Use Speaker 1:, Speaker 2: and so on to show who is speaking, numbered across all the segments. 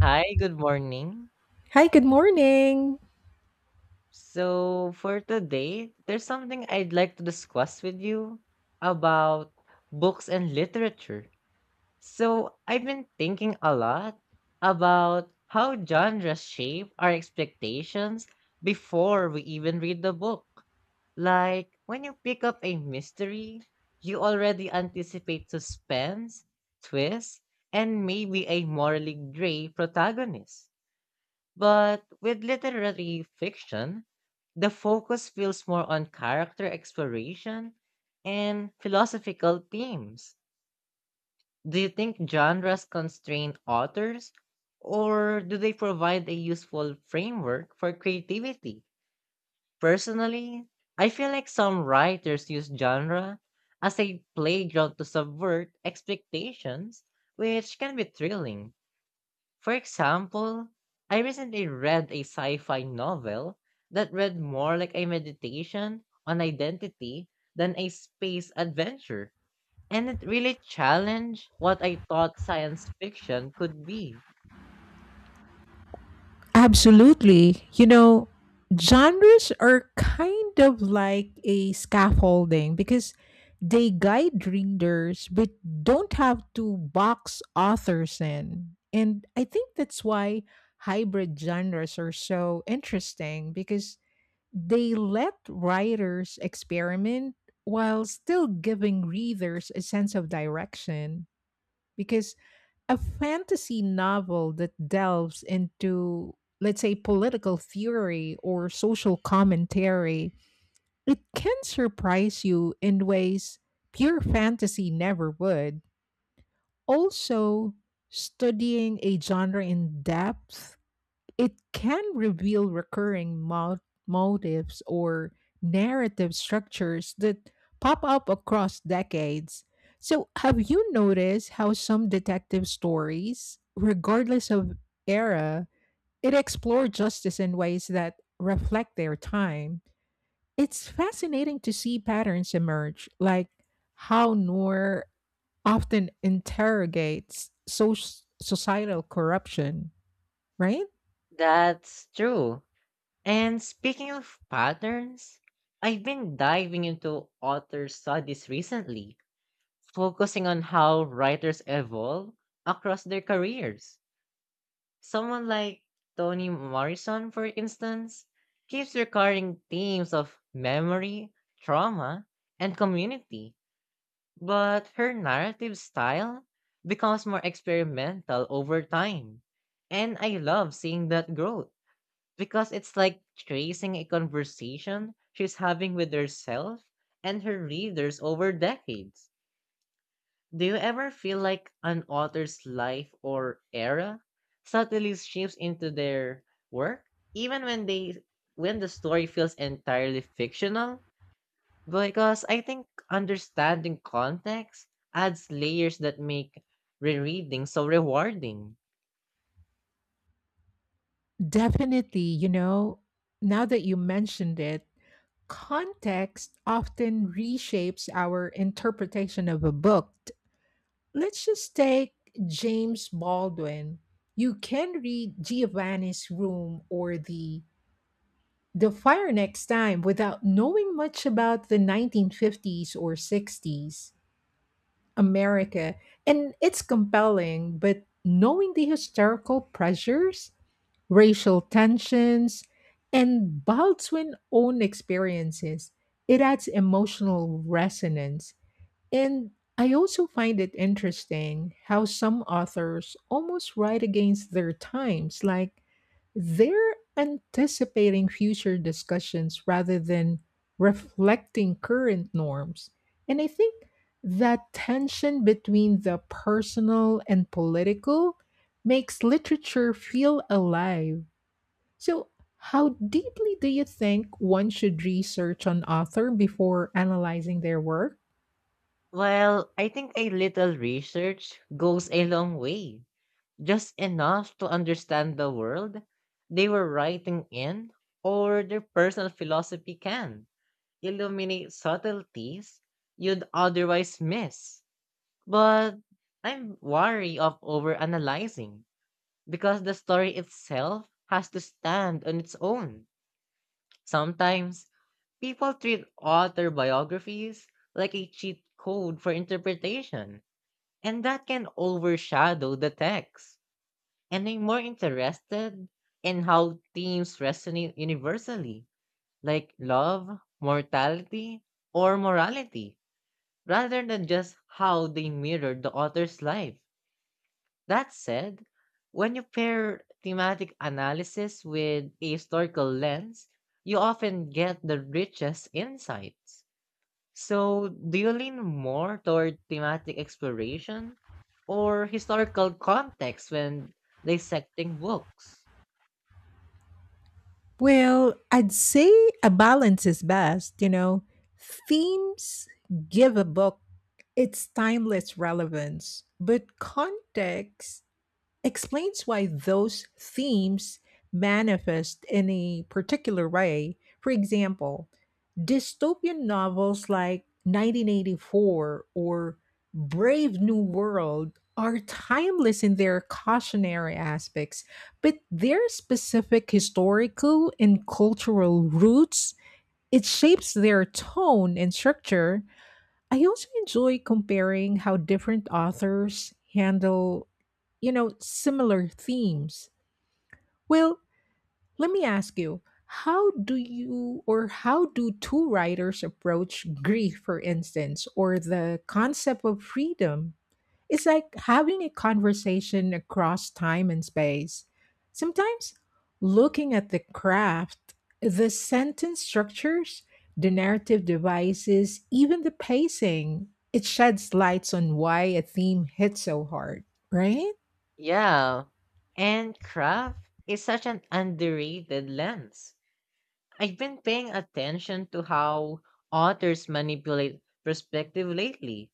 Speaker 1: Hi, good morning.
Speaker 2: Hi, good morning.
Speaker 1: So for today, there's something I'd like to discuss with you about books and literature. So I've been thinking a lot about how genres shape our expectations before we even read the book. Like when you pick up a mystery, you already anticipate suspense, twist, and maybe a morally gray protagonist. But with literary fiction, the focus feels more on character exploration and philosophical themes. Do you think genres constrain authors, or do they provide a useful framework for creativity? Personally, I feel like some writers use genre as a playground to subvert expectations, which can be thrilling. For example, I recently read a sci fi novel that read more like a meditation on identity than a space adventure. And it really challenged what I thought science fiction could be.
Speaker 2: Absolutely. You know, genres are kind of like a scaffolding because they guide readers but don't have to box authors in. And I think that's why hybrid genres are so interesting because they let writers experiment while still giving readers a sense of direction. Because a fantasy novel that delves into, let's say, political theory or social commentary, it can surprise you in ways pure fantasy never would. Also, studying a genre in depth it can reveal recurring motives or narrative structures that pop up across decades. So, have you noticed how some detective stories, regardless of era, it explore justice in ways that reflect their time? It's fascinating to see patterns emerge, like how Noor often interrogates societal corruption, right?
Speaker 1: That's true. And speaking of patterns, I've been diving into author studies recently, focusing on how writers evolve across their careers. Someone like Toni Morrison, for instance, keeps recurring themes of memory, trauma, and community, but her narrative style becomes more experimental over time. And I love seeing that growth because it's like tracing a conversation she's having with herself and her readers over decades. Do you ever feel like an author's life or era subtly shifts into their work, even when the story feels entirely fictional? Because I think understanding context adds layers that make rereading so rewarding.
Speaker 2: Definitely, you know, now that you mentioned it, context often reshapes our interpretation of a book. Let's just take James Baldwin. You can read Giovanni's Room or The Fire Next Time without knowing much about the 1950s or 60s. America, and it's compelling, but knowing the historical pressures, racial tensions, and Baldwin's own experiences, it adds emotional resonance. And I also find it interesting how some authors almost write against their times, like they're anticipating future discussions rather than reflecting current norms. And I think that tension between the personal and political makes literature feel alive. So, how deeply do you think one should research an author before analyzing their work?
Speaker 1: Well, I think a little research goes a long way, just enough to understand the world they were writing in or their personal philosophy can illuminate subtleties you'd otherwise miss. But I'm wary of overanalyzing because the story itself has to stand on its own. Sometimes people treat author biographies like a cheat code for interpretation, and that can overshadow the text. And I'm more interested in how themes resonate universally, like love, mortality, or morality rather than just how they mirrored the author's life. That said, when you pair thematic analysis with a historical lens, you often get the richest insights. So, do you lean more toward thematic exploration or historical context when dissecting books?
Speaker 2: Well, I'd say a balance is best, you know. Themes give a book its timeless relevance, but context explains why those themes manifest in a particular way. For example, dystopian novels like 1984 or Brave New World are timeless in their cautionary aspects, but their specific historical and cultural roots, it shapes their tone and structure. I also enjoy comparing how different authors handle, you know, similar themes. Well, let me ask you, how do you or how do two writers approach grief, for instance, or the concept of freedom? It's like having a conversation across time and space. Sometimes looking at the craft, the sentence structures, the narrative devices, even the pacing, it sheds lights on why a theme hits so hard, right?
Speaker 1: Yeah, and craft is such an underrated lens. I've been paying attention to how authors manipulate perspective lately.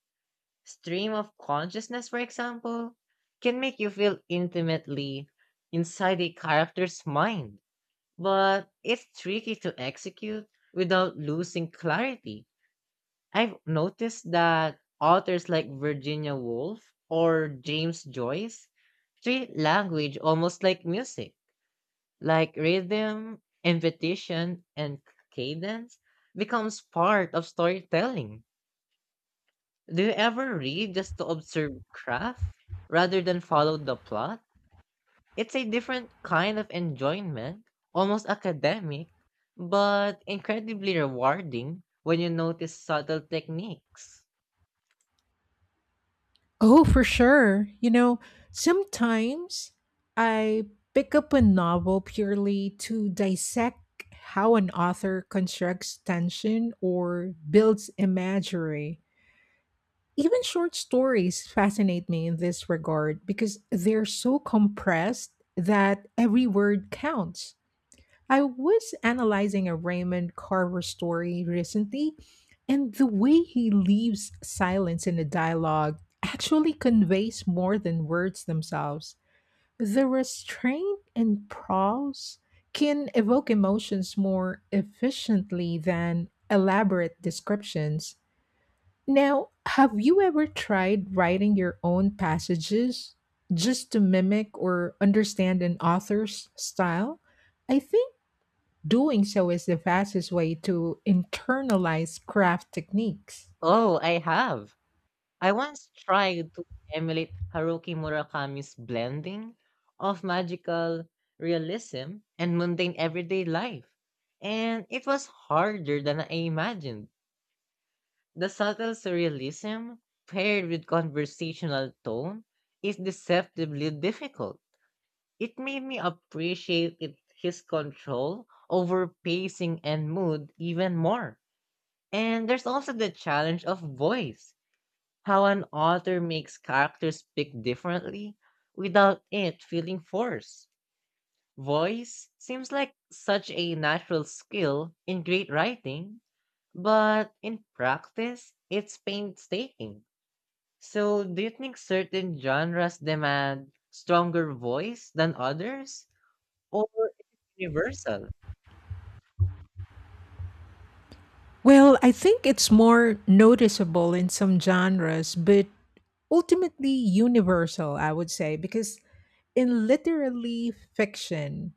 Speaker 1: Stream of consciousness, for example, can make you feel intimately inside a character's mind, but it's tricky to execute without losing clarity. I've noticed that authors like Virginia Woolf or James Joyce treat language almost like music, like rhythm, invitation, and cadence becomes part of storytelling. Do you ever read just to observe craft rather than follow the plot? It's a different kind of enjoyment, almost academic, but incredibly rewarding when you notice subtle techniques.
Speaker 2: Oh, for sure. You know, sometimes I pick up a novel purely to dissect how an author constructs tension or builds imagery. Even short stories fascinate me in this regard because they're so compressed that every word counts. I was analyzing a Raymond Carver story recently, and the way he leaves silence in a dialogue actually conveys more than words themselves. The restraint and pause can evoke emotions more efficiently than elaborate descriptions. Now, have you ever tried writing your own passages just to mimic or understand an author's style? I think doing so is the fastest way to internalize craft techniques.
Speaker 1: Oh, I have. I once tried to emulate Haruki Murakami's blending of magical realism and mundane everyday life, and it was harder than I imagined. The subtle surrealism paired with conversational tone is deceptively difficult. It made me appreciate it, his control over pacing and mood even more. And there's also the challenge of voice, how an author makes characters speak differently without it feeling forced. Voice seems like such a natural skill in great writing, but in practice, it's painstaking. So, do you think certain genres demand stronger voice than others, or is it universal?
Speaker 2: Well, I think it's more noticeable in some genres, but ultimately universal, I would say, because in literary fiction,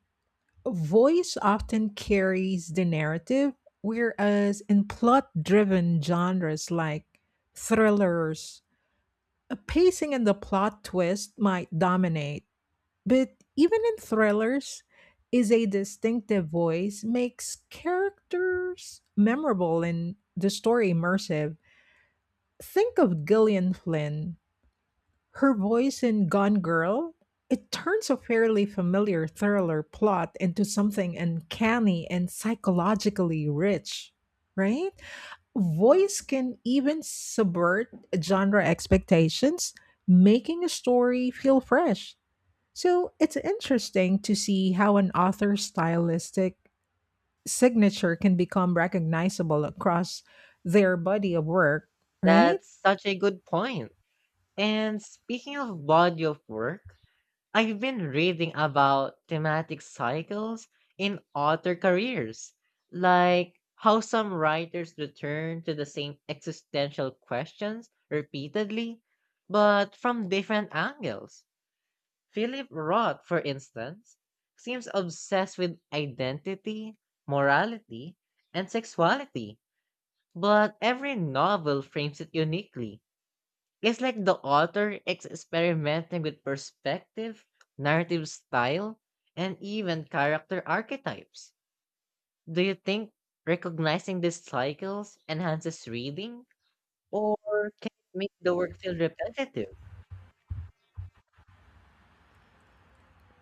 Speaker 2: voice often carries the narrative, whereas in plot driven genres like thrillers, a pacing and the plot twist might dominate. But even in thrillers, is a distinctive voice makes characters memorable and the story immersive. Think of Gillian Flynn. Her voice in Gone Girl, it turns a fairly familiar thriller plot into something uncanny and psychologically rich, right? Voice can even subvert genre expectations, making a story feel fresh so it's interesting to see how an author's stylistic signature can become recognizable across their body of work, right?
Speaker 1: That's such a good point. And speaking of body of work, I've been reading about thematic cycles in author careers, like how some writers return to the same existential questions repeatedly, but from different angles. Philip Roth, for instance, seems obsessed with identity, morality, and sexuality, but every novel frames it uniquely. It's like the author experimenting with perspective, narrative style, and even character archetypes. Do you think recognizing these cycles enhances reading or can it make the work feel repetitive?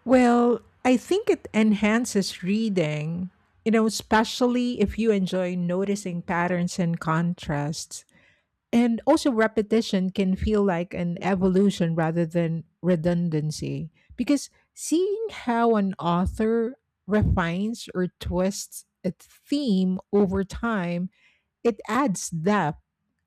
Speaker 2: Well, I think it enhances reading, you know, especially if you enjoy noticing patterns and contrasts. And also, repetition can feel like an evolution rather than redundancy. Because seeing how an author refines or twists a theme over time, it adds depth,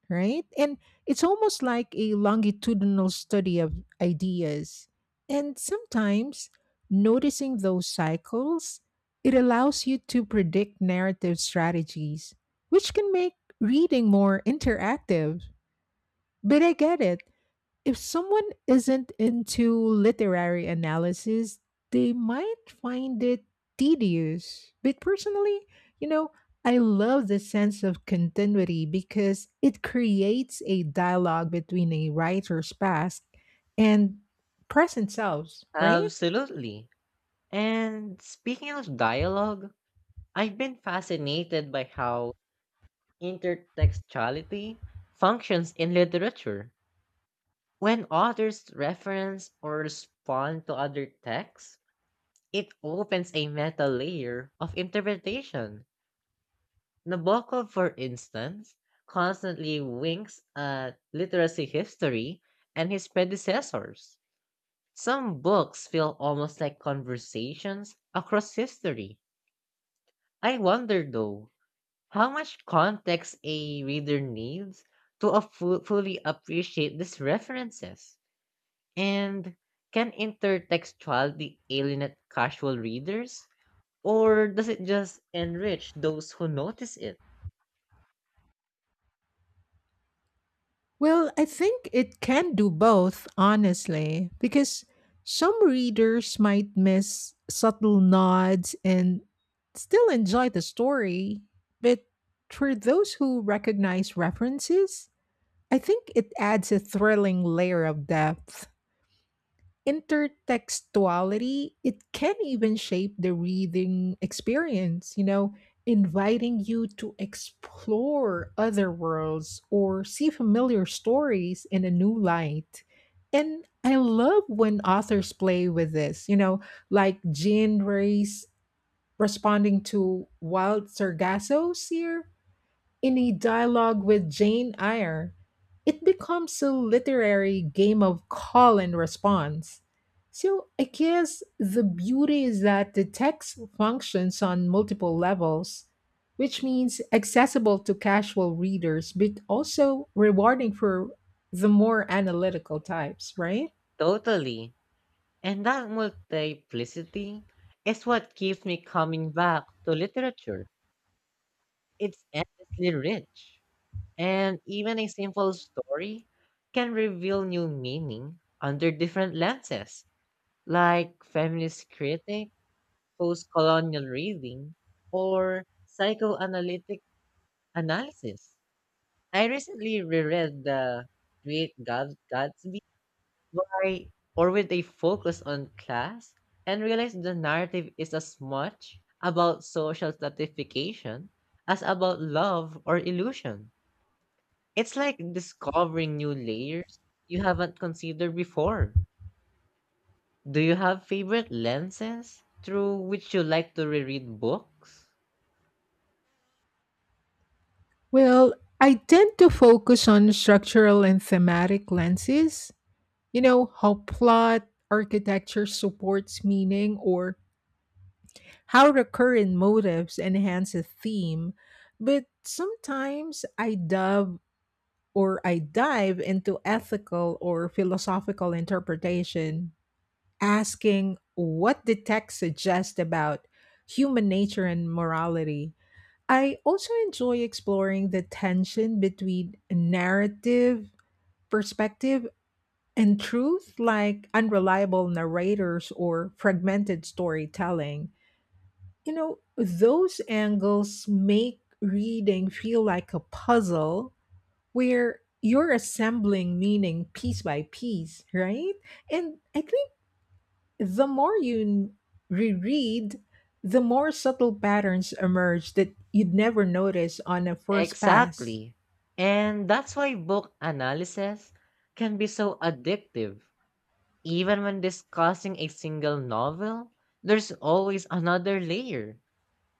Speaker 2: right? And it's almost like a longitudinal study of ideas. And sometimes, noticing those cycles, it allows you to predict narrative strategies, which can make reading more interactive. But I get it. If someone isn't into literary analysis, they might find it tedious. But personally, you know, I love the sense of continuity because it creates a dialogue between a writer's past and present selves, right?
Speaker 1: Absolutely. And speaking of dialogue, I've been fascinated by how intertextuality functions in literature. When authors reference or respond to other texts, it opens a meta layer of interpretation. Nabokov, for instance, constantly winks at literacy history and his predecessors. Some books feel almost like conversations across history. I wonder, though, how much context a reader needs to fully appreciate these references? And can intertextuality alienate casual readers? Or does it just enrich those who notice it?
Speaker 2: Well, I think it can do both, honestly, because some readers might miss subtle nods and still enjoy the story. But for those who recognize references, I think it adds a thrilling layer of depth intertextuality it can even shape the reading experience you know inviting you to explore other worlds or see familiar stories in a new light and I love when authors play with this you know like jean ray's responding to wild sargasso's here in a dialogue with Jane Eyre, it becomes a literary game of call and response. So I guess the beauty is that the text functions on multiple levels, which means accessible to casual readers, but also rewarding for the more analytical types, right?
Speaker 1: Totally. And that multiplicity is what keeps me coming back to literature. It's endlessly rich. And even a simple story can reveal new meaning under different lenses, like feminist critics, post colonial reading, or psychoanalytic analysis. I recently reread the Great Gatsby by, or with a focus on class and realized the narrative is as much about social stratification as about love or illusion. It's like discovering new layers you haven't considered before. Do you have favorite lenses through which you like to reread books?
Speaker 2: Well, I tend to focus on structural and thematic lenses. You know, how plot architecture supports meaning or how recurrent motives enhance a theme, but sometimes I dive into ethical or philosophical interpretation, asking what the text suggests about human nature and morality. I also enjoy exploring the tension between narrative perspective and truth, like unreliable narrators or fragmented storytelling. You know, those angles make reading feel like a puzzle where you're assembling meaning piece by piece, right? And I think the more you reread, the more subtle patterns emerge that you'd never notice on a first pass.
Speaker 1: Exactly. And that's why book analysis can be so addictive. Even when discussing a single novel, there's always another layer,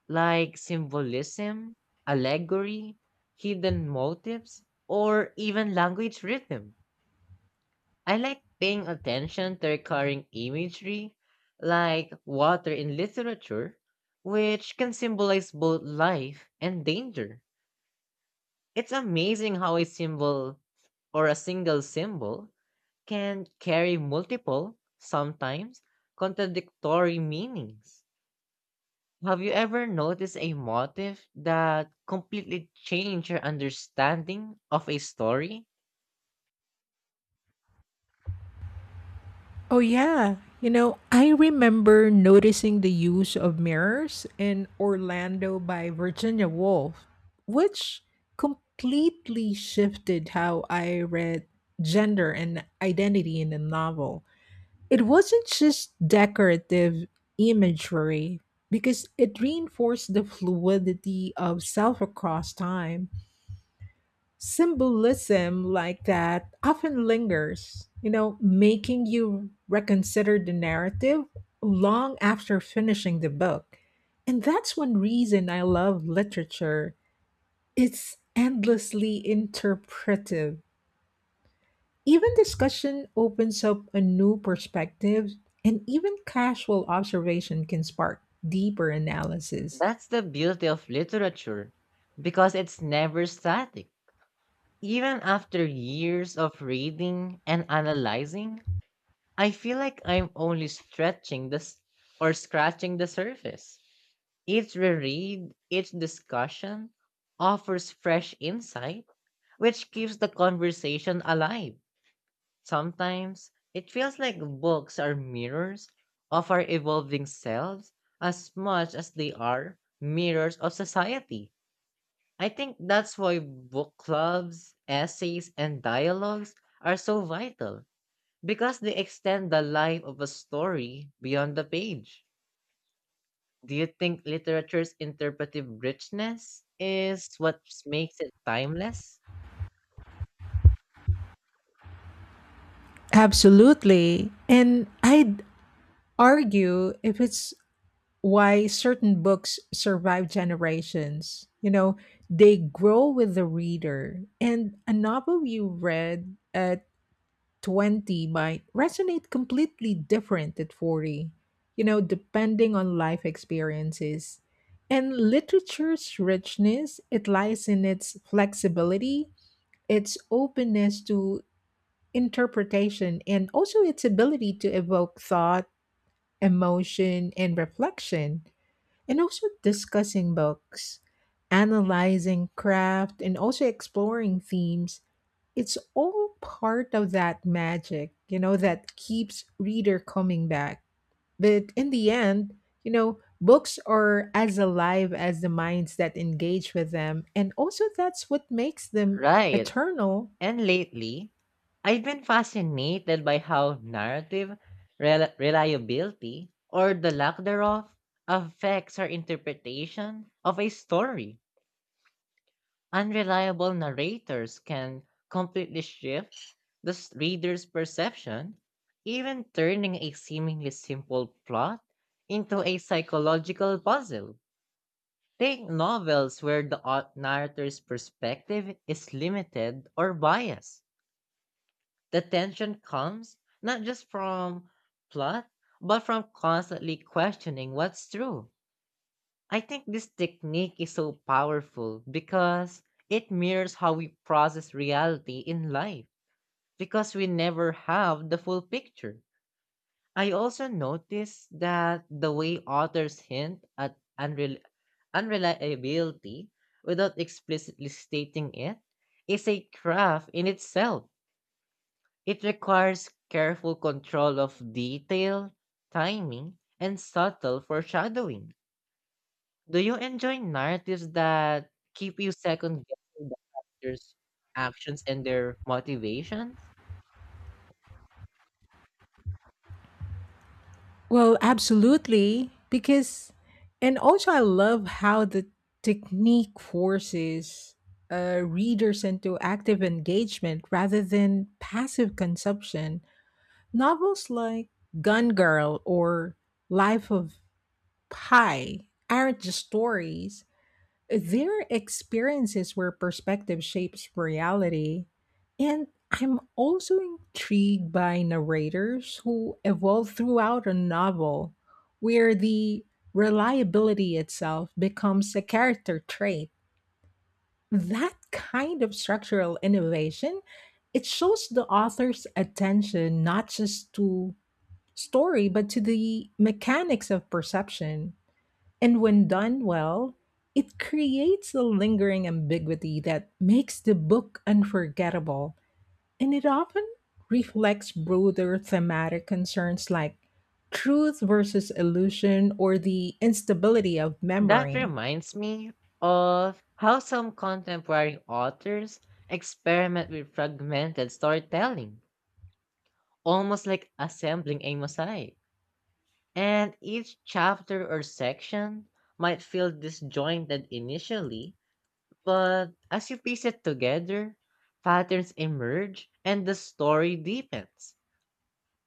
Speaker 1: like symbolism, allegory, hidden motives, or even language rhythm. I like paying attention to recurring imagery, like water in literature, which can symbolize both life and danger. It's amazing how a symbol or a single symbol can carry multiple, sometimes contradictory meanings. Have you ever noticed a motif that completely changed your understanding of a story?
Speaker 2: Oh, yeah. You know, I remember noticing the use of mirrors in Orlando by Virginia Woolf, which completely shifted how I read gender and identity in the novel. It wasn't just decorative imagery, because it reinforced the fluidity of self across time. Symbolism like that often lingers, you know, making you reconsider the narrative long after finishing the book. And that's one reason I love literature. It's endlessly interpretive. Even discussion opens up a new perspective, and even casual observation can spark deeper analysis.
Speaker 1: That's the beauty of literature because it's never static. Even after years of reading and analyzing, I feel like I'm only stretching this or scratching the surface. Each reread, each discussion offers fresh insight, which keeps the conversation alive. Sometimes it feels like books are mirrors of our evolving selves as much as they are mirrors of society. I think that's why book clubs, essays, and dialogues are so vital, because they extend the life of a story beyond the page. Do you think literature's interpretive richness is what makes it timeless?
Speaker 2: Absolutely. And I'd argue if it's why certain books survive generations. You know, they grow with the reader. And a novel you read at 20 might resonate completely different at 40, you know, depending on life experiences. And literature's richness, it lies in its flexibility, its openness to interpretation, and also its ability to evoke thought, emotion, and reflection and also discussing books, analyzing craft, and also exploring themes. It's all part of that magic, you know, that keeps reader coming back. But in the end, you know, books are as alive as the minds that engage with them. And also, that's what makes them
Speaker 1: Right.
Speaker 2: eternal.
Speaker 1: And lately, I've been fascinated by how narrative reliability or the lack thereof affects our interpretation of a story. Unreliable narrators can completely shift the reader's perception, even turning a seemingly simple plot into a psychological puzzle. Take novels where the narrator's perspective is limited or biased. The tension comes not just from plot, but from constantly questioning what's true. I think this technique is so powerful because it mirrors how we process reality in life, because we never have the full picture. I also notice that the way authors hint at unreliability without explicitly stating it is a craft in itself. It requires careful control of detail, timing, and subtle foreshadowing. Do you enjoy narratives that keep you second guessing the characters' actions and their motivations?
Speaker 2: Well, absolutely. Because, and also, I love how the technique forces readers into active engagement rather than passive consumption. Novels like Gun Girl or Life of Pi aren't just stories, their experiences where perspective shapes reality. And I'm also intrigued by narrators who evolve throughout a novel, where the reliability itself becomes a character trait. That kind of structural innovation, it shows the author's attention not just to story, but to the mechanics of perception. And when done well, it creates a lingering ambiguity that makes the book unforgettable. And it often reflects broader thematic concerns like truth versus illusion or the instability of
Speaker 1: That
Speaker 2: memory.
Speaker 1: reminds me of how some contemporary authors experiment with fragmented storytelling, almost like assembling a mosaic. And each chapter or section might feel disjointed initially, but as you piece it together, patterns emerge and the story deepens.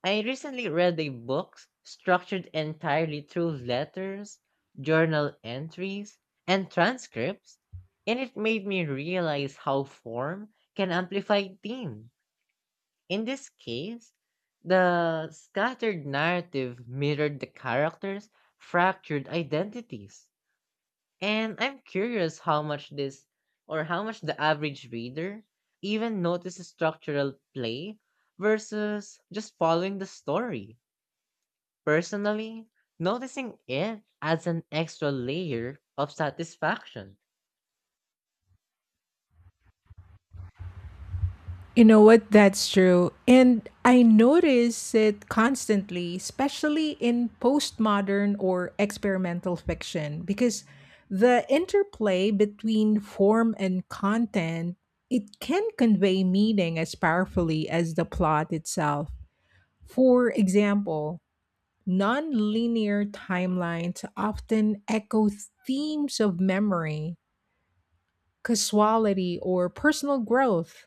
Speaker 1: I recently read a book structured entirely through letters, journal entries, and transcripts, and it made me realize how form can amplify theme. In this case, the scattered narrative mirrored the characters' fractured identities. And I'm curious how much the average reader even notices structural play versus just following the story. Personally, noticing it adds an extra layer of satisfaction.
Speaker 2: You know what? That's true. And I notice it constantly, especially in postmodern or experimental fiction, because the interplay between form and content, it can convey meaning as powerfully as the plot itself. For example, non-linear timelines often echo themes of memory, casuality, or personal growth.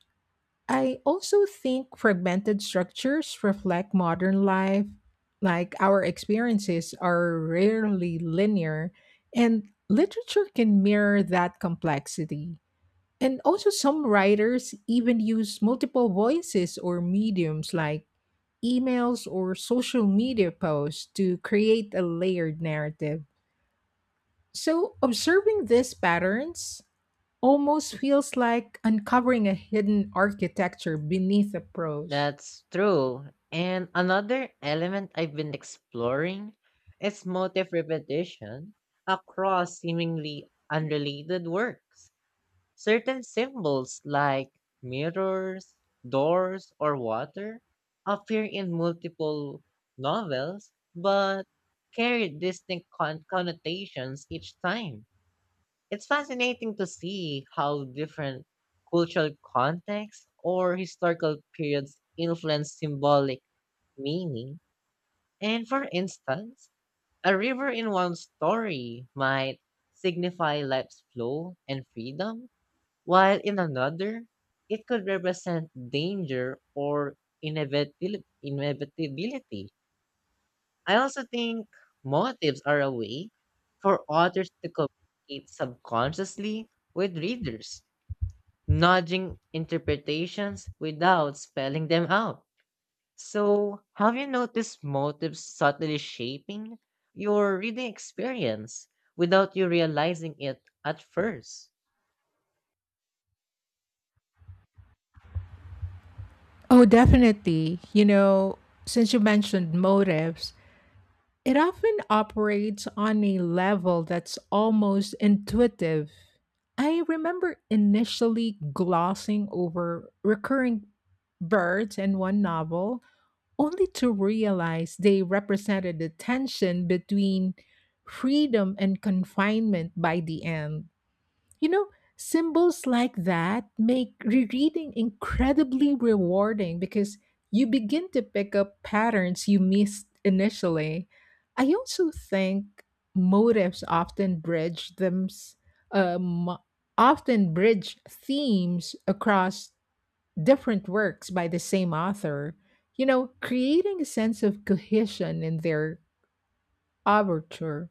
Speaker 2: I also think fragmented structures reflect modern life. Like our experiences are rarely linear, and literature can mirror that complexity. And also, some writers even use multiple voices or mediums like emails or social media posts to create a layered narrative. So, observing these patterns almost feels like uncovering a hidden architecture beneath the prose.
Speaker 1: That's true. And another element I've been exploring is motif repetition across seemingly unrelated works. Certain symbols like mirrors, doors, or water appear in multiple novels but carry distinct connotations each time. It's fascinating to see how different cultural contexts or historical periods influence symbolic meaning. And for instance, a river in one story might signify life's flow and freedom, while in another, it could represent danger or inevitability. I also think motives are a way for authors to communicate subconsciously with readers, nudging interpretations without spelling them out. So, have you noticed motives subtly shaping your reading experience without you realizing it at first?
Speaker 2: Oh, definitely. You know, since you mentioned motives, it often operates on a level that's almost intuitive. I remember initially glossing over recurring birds in one novel only to realize they represented the tension between freedom and confinement by the end. You know, symbols like that make rereading incredibly rewarding because you begin to pick up patterns you missed initially. I also think motives often bridge them um, often bridge themes across different works by the same author, you know, creating a sense of cohesion in their overture.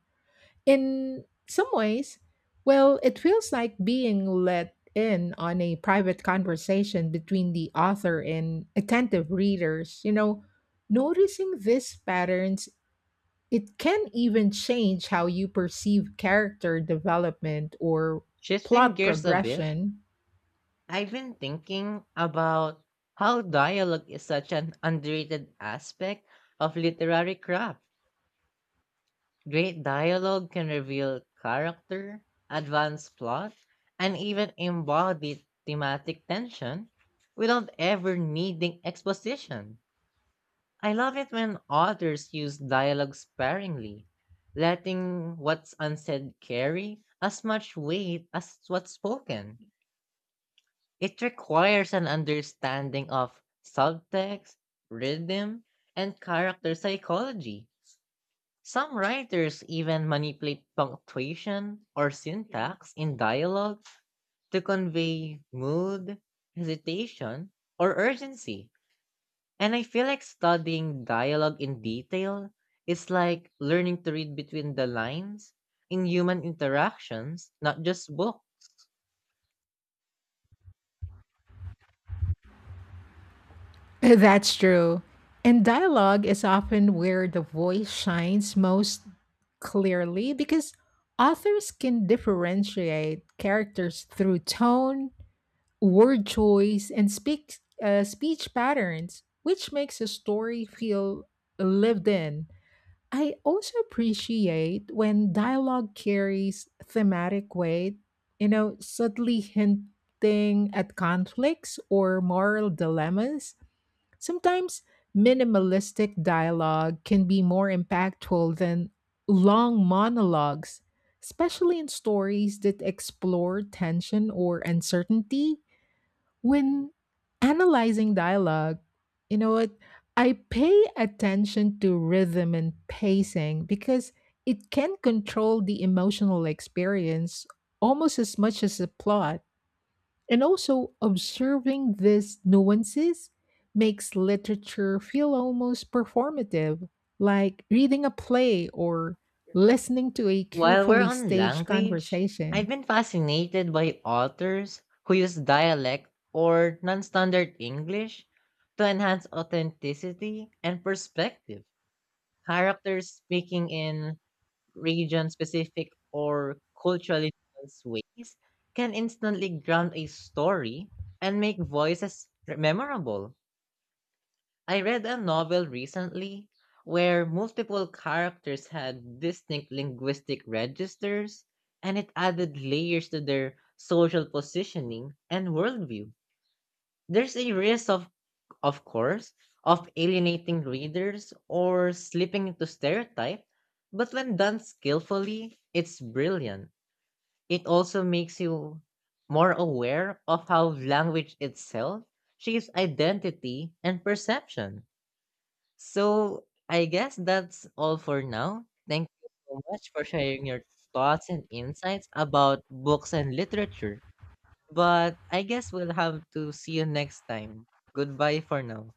Speaker 2: In some ways, well, it feels like being let in on a private conversation between the author and attentive readers. You know, noticing these patterns, it can even change how you perceive character development or
Speaker 1: Shifting
Speaker 2: plot
Speaker 1: gears a bit,
Speaker 2: progression.
Speaker 1: I've been thinking about how dialogue is such an underrated aspect of literary craft. Great dialogue can reveal character, advance plot, and even embody thematic tension without ever needing exposition. I love it when authors use dialogue sparingly, letting what's unsaid carry as much weight as what's spoken. It requires an understanding of subtext, rhythm, and character psychology. Some writers even manipulate punctuation or syntax in dialogue to convey mood, hesitation, or urgency. And I feel like studying dialogue in detail is like learning to read between the lines in human interactions, not just books.
Speaker 2: That's true. And dialogue is often where the voice shines most clearly because authors can differentiate characters through tone, word choice, and speech patterns, which makes a story feel lived in. I also appreciate when dialogue carries thematic weight, you know, subtly hinting at conflicts or moral dilemmas. Sometimes minimalistic dialogue can be more impactful than long monologues, especially in stories that explore tension or uncertainty. When analyzing dialogue, you know what? I pay attention to rhythm and pacing because it can control the emotional experience almost as much as the plot. And also, observing these nuances makes literature feel almost performative, like reading a play or listening to a
Speaker 1: While we're
Speaker 2: carefully
Speaker 1: on
Speaker 2: staged
Speaker 1: language, I've
Speaker 2: conversation.
Speaker 1: been fascinated by authors who use dialect or non standard English to enhance authenticity and perspective. Characters speaking in region specific or culturally nuanced ways can instantly ground a story and make voices memorable. I read a novel recently where multiple characters had distinct linguistic registers, and it added layers to their social positioning and worldview. There's a risk, of course, of alienating readers or slipping into stereotype, but when done skillfully, it's brilliant. It also makes you more aware of how language itself shapes identity and perception. So I guess that's all for now. Thank you so much for sharing your thoughts and insights about books and literature. But I guess we'll have to see you next time. Goodbye for now.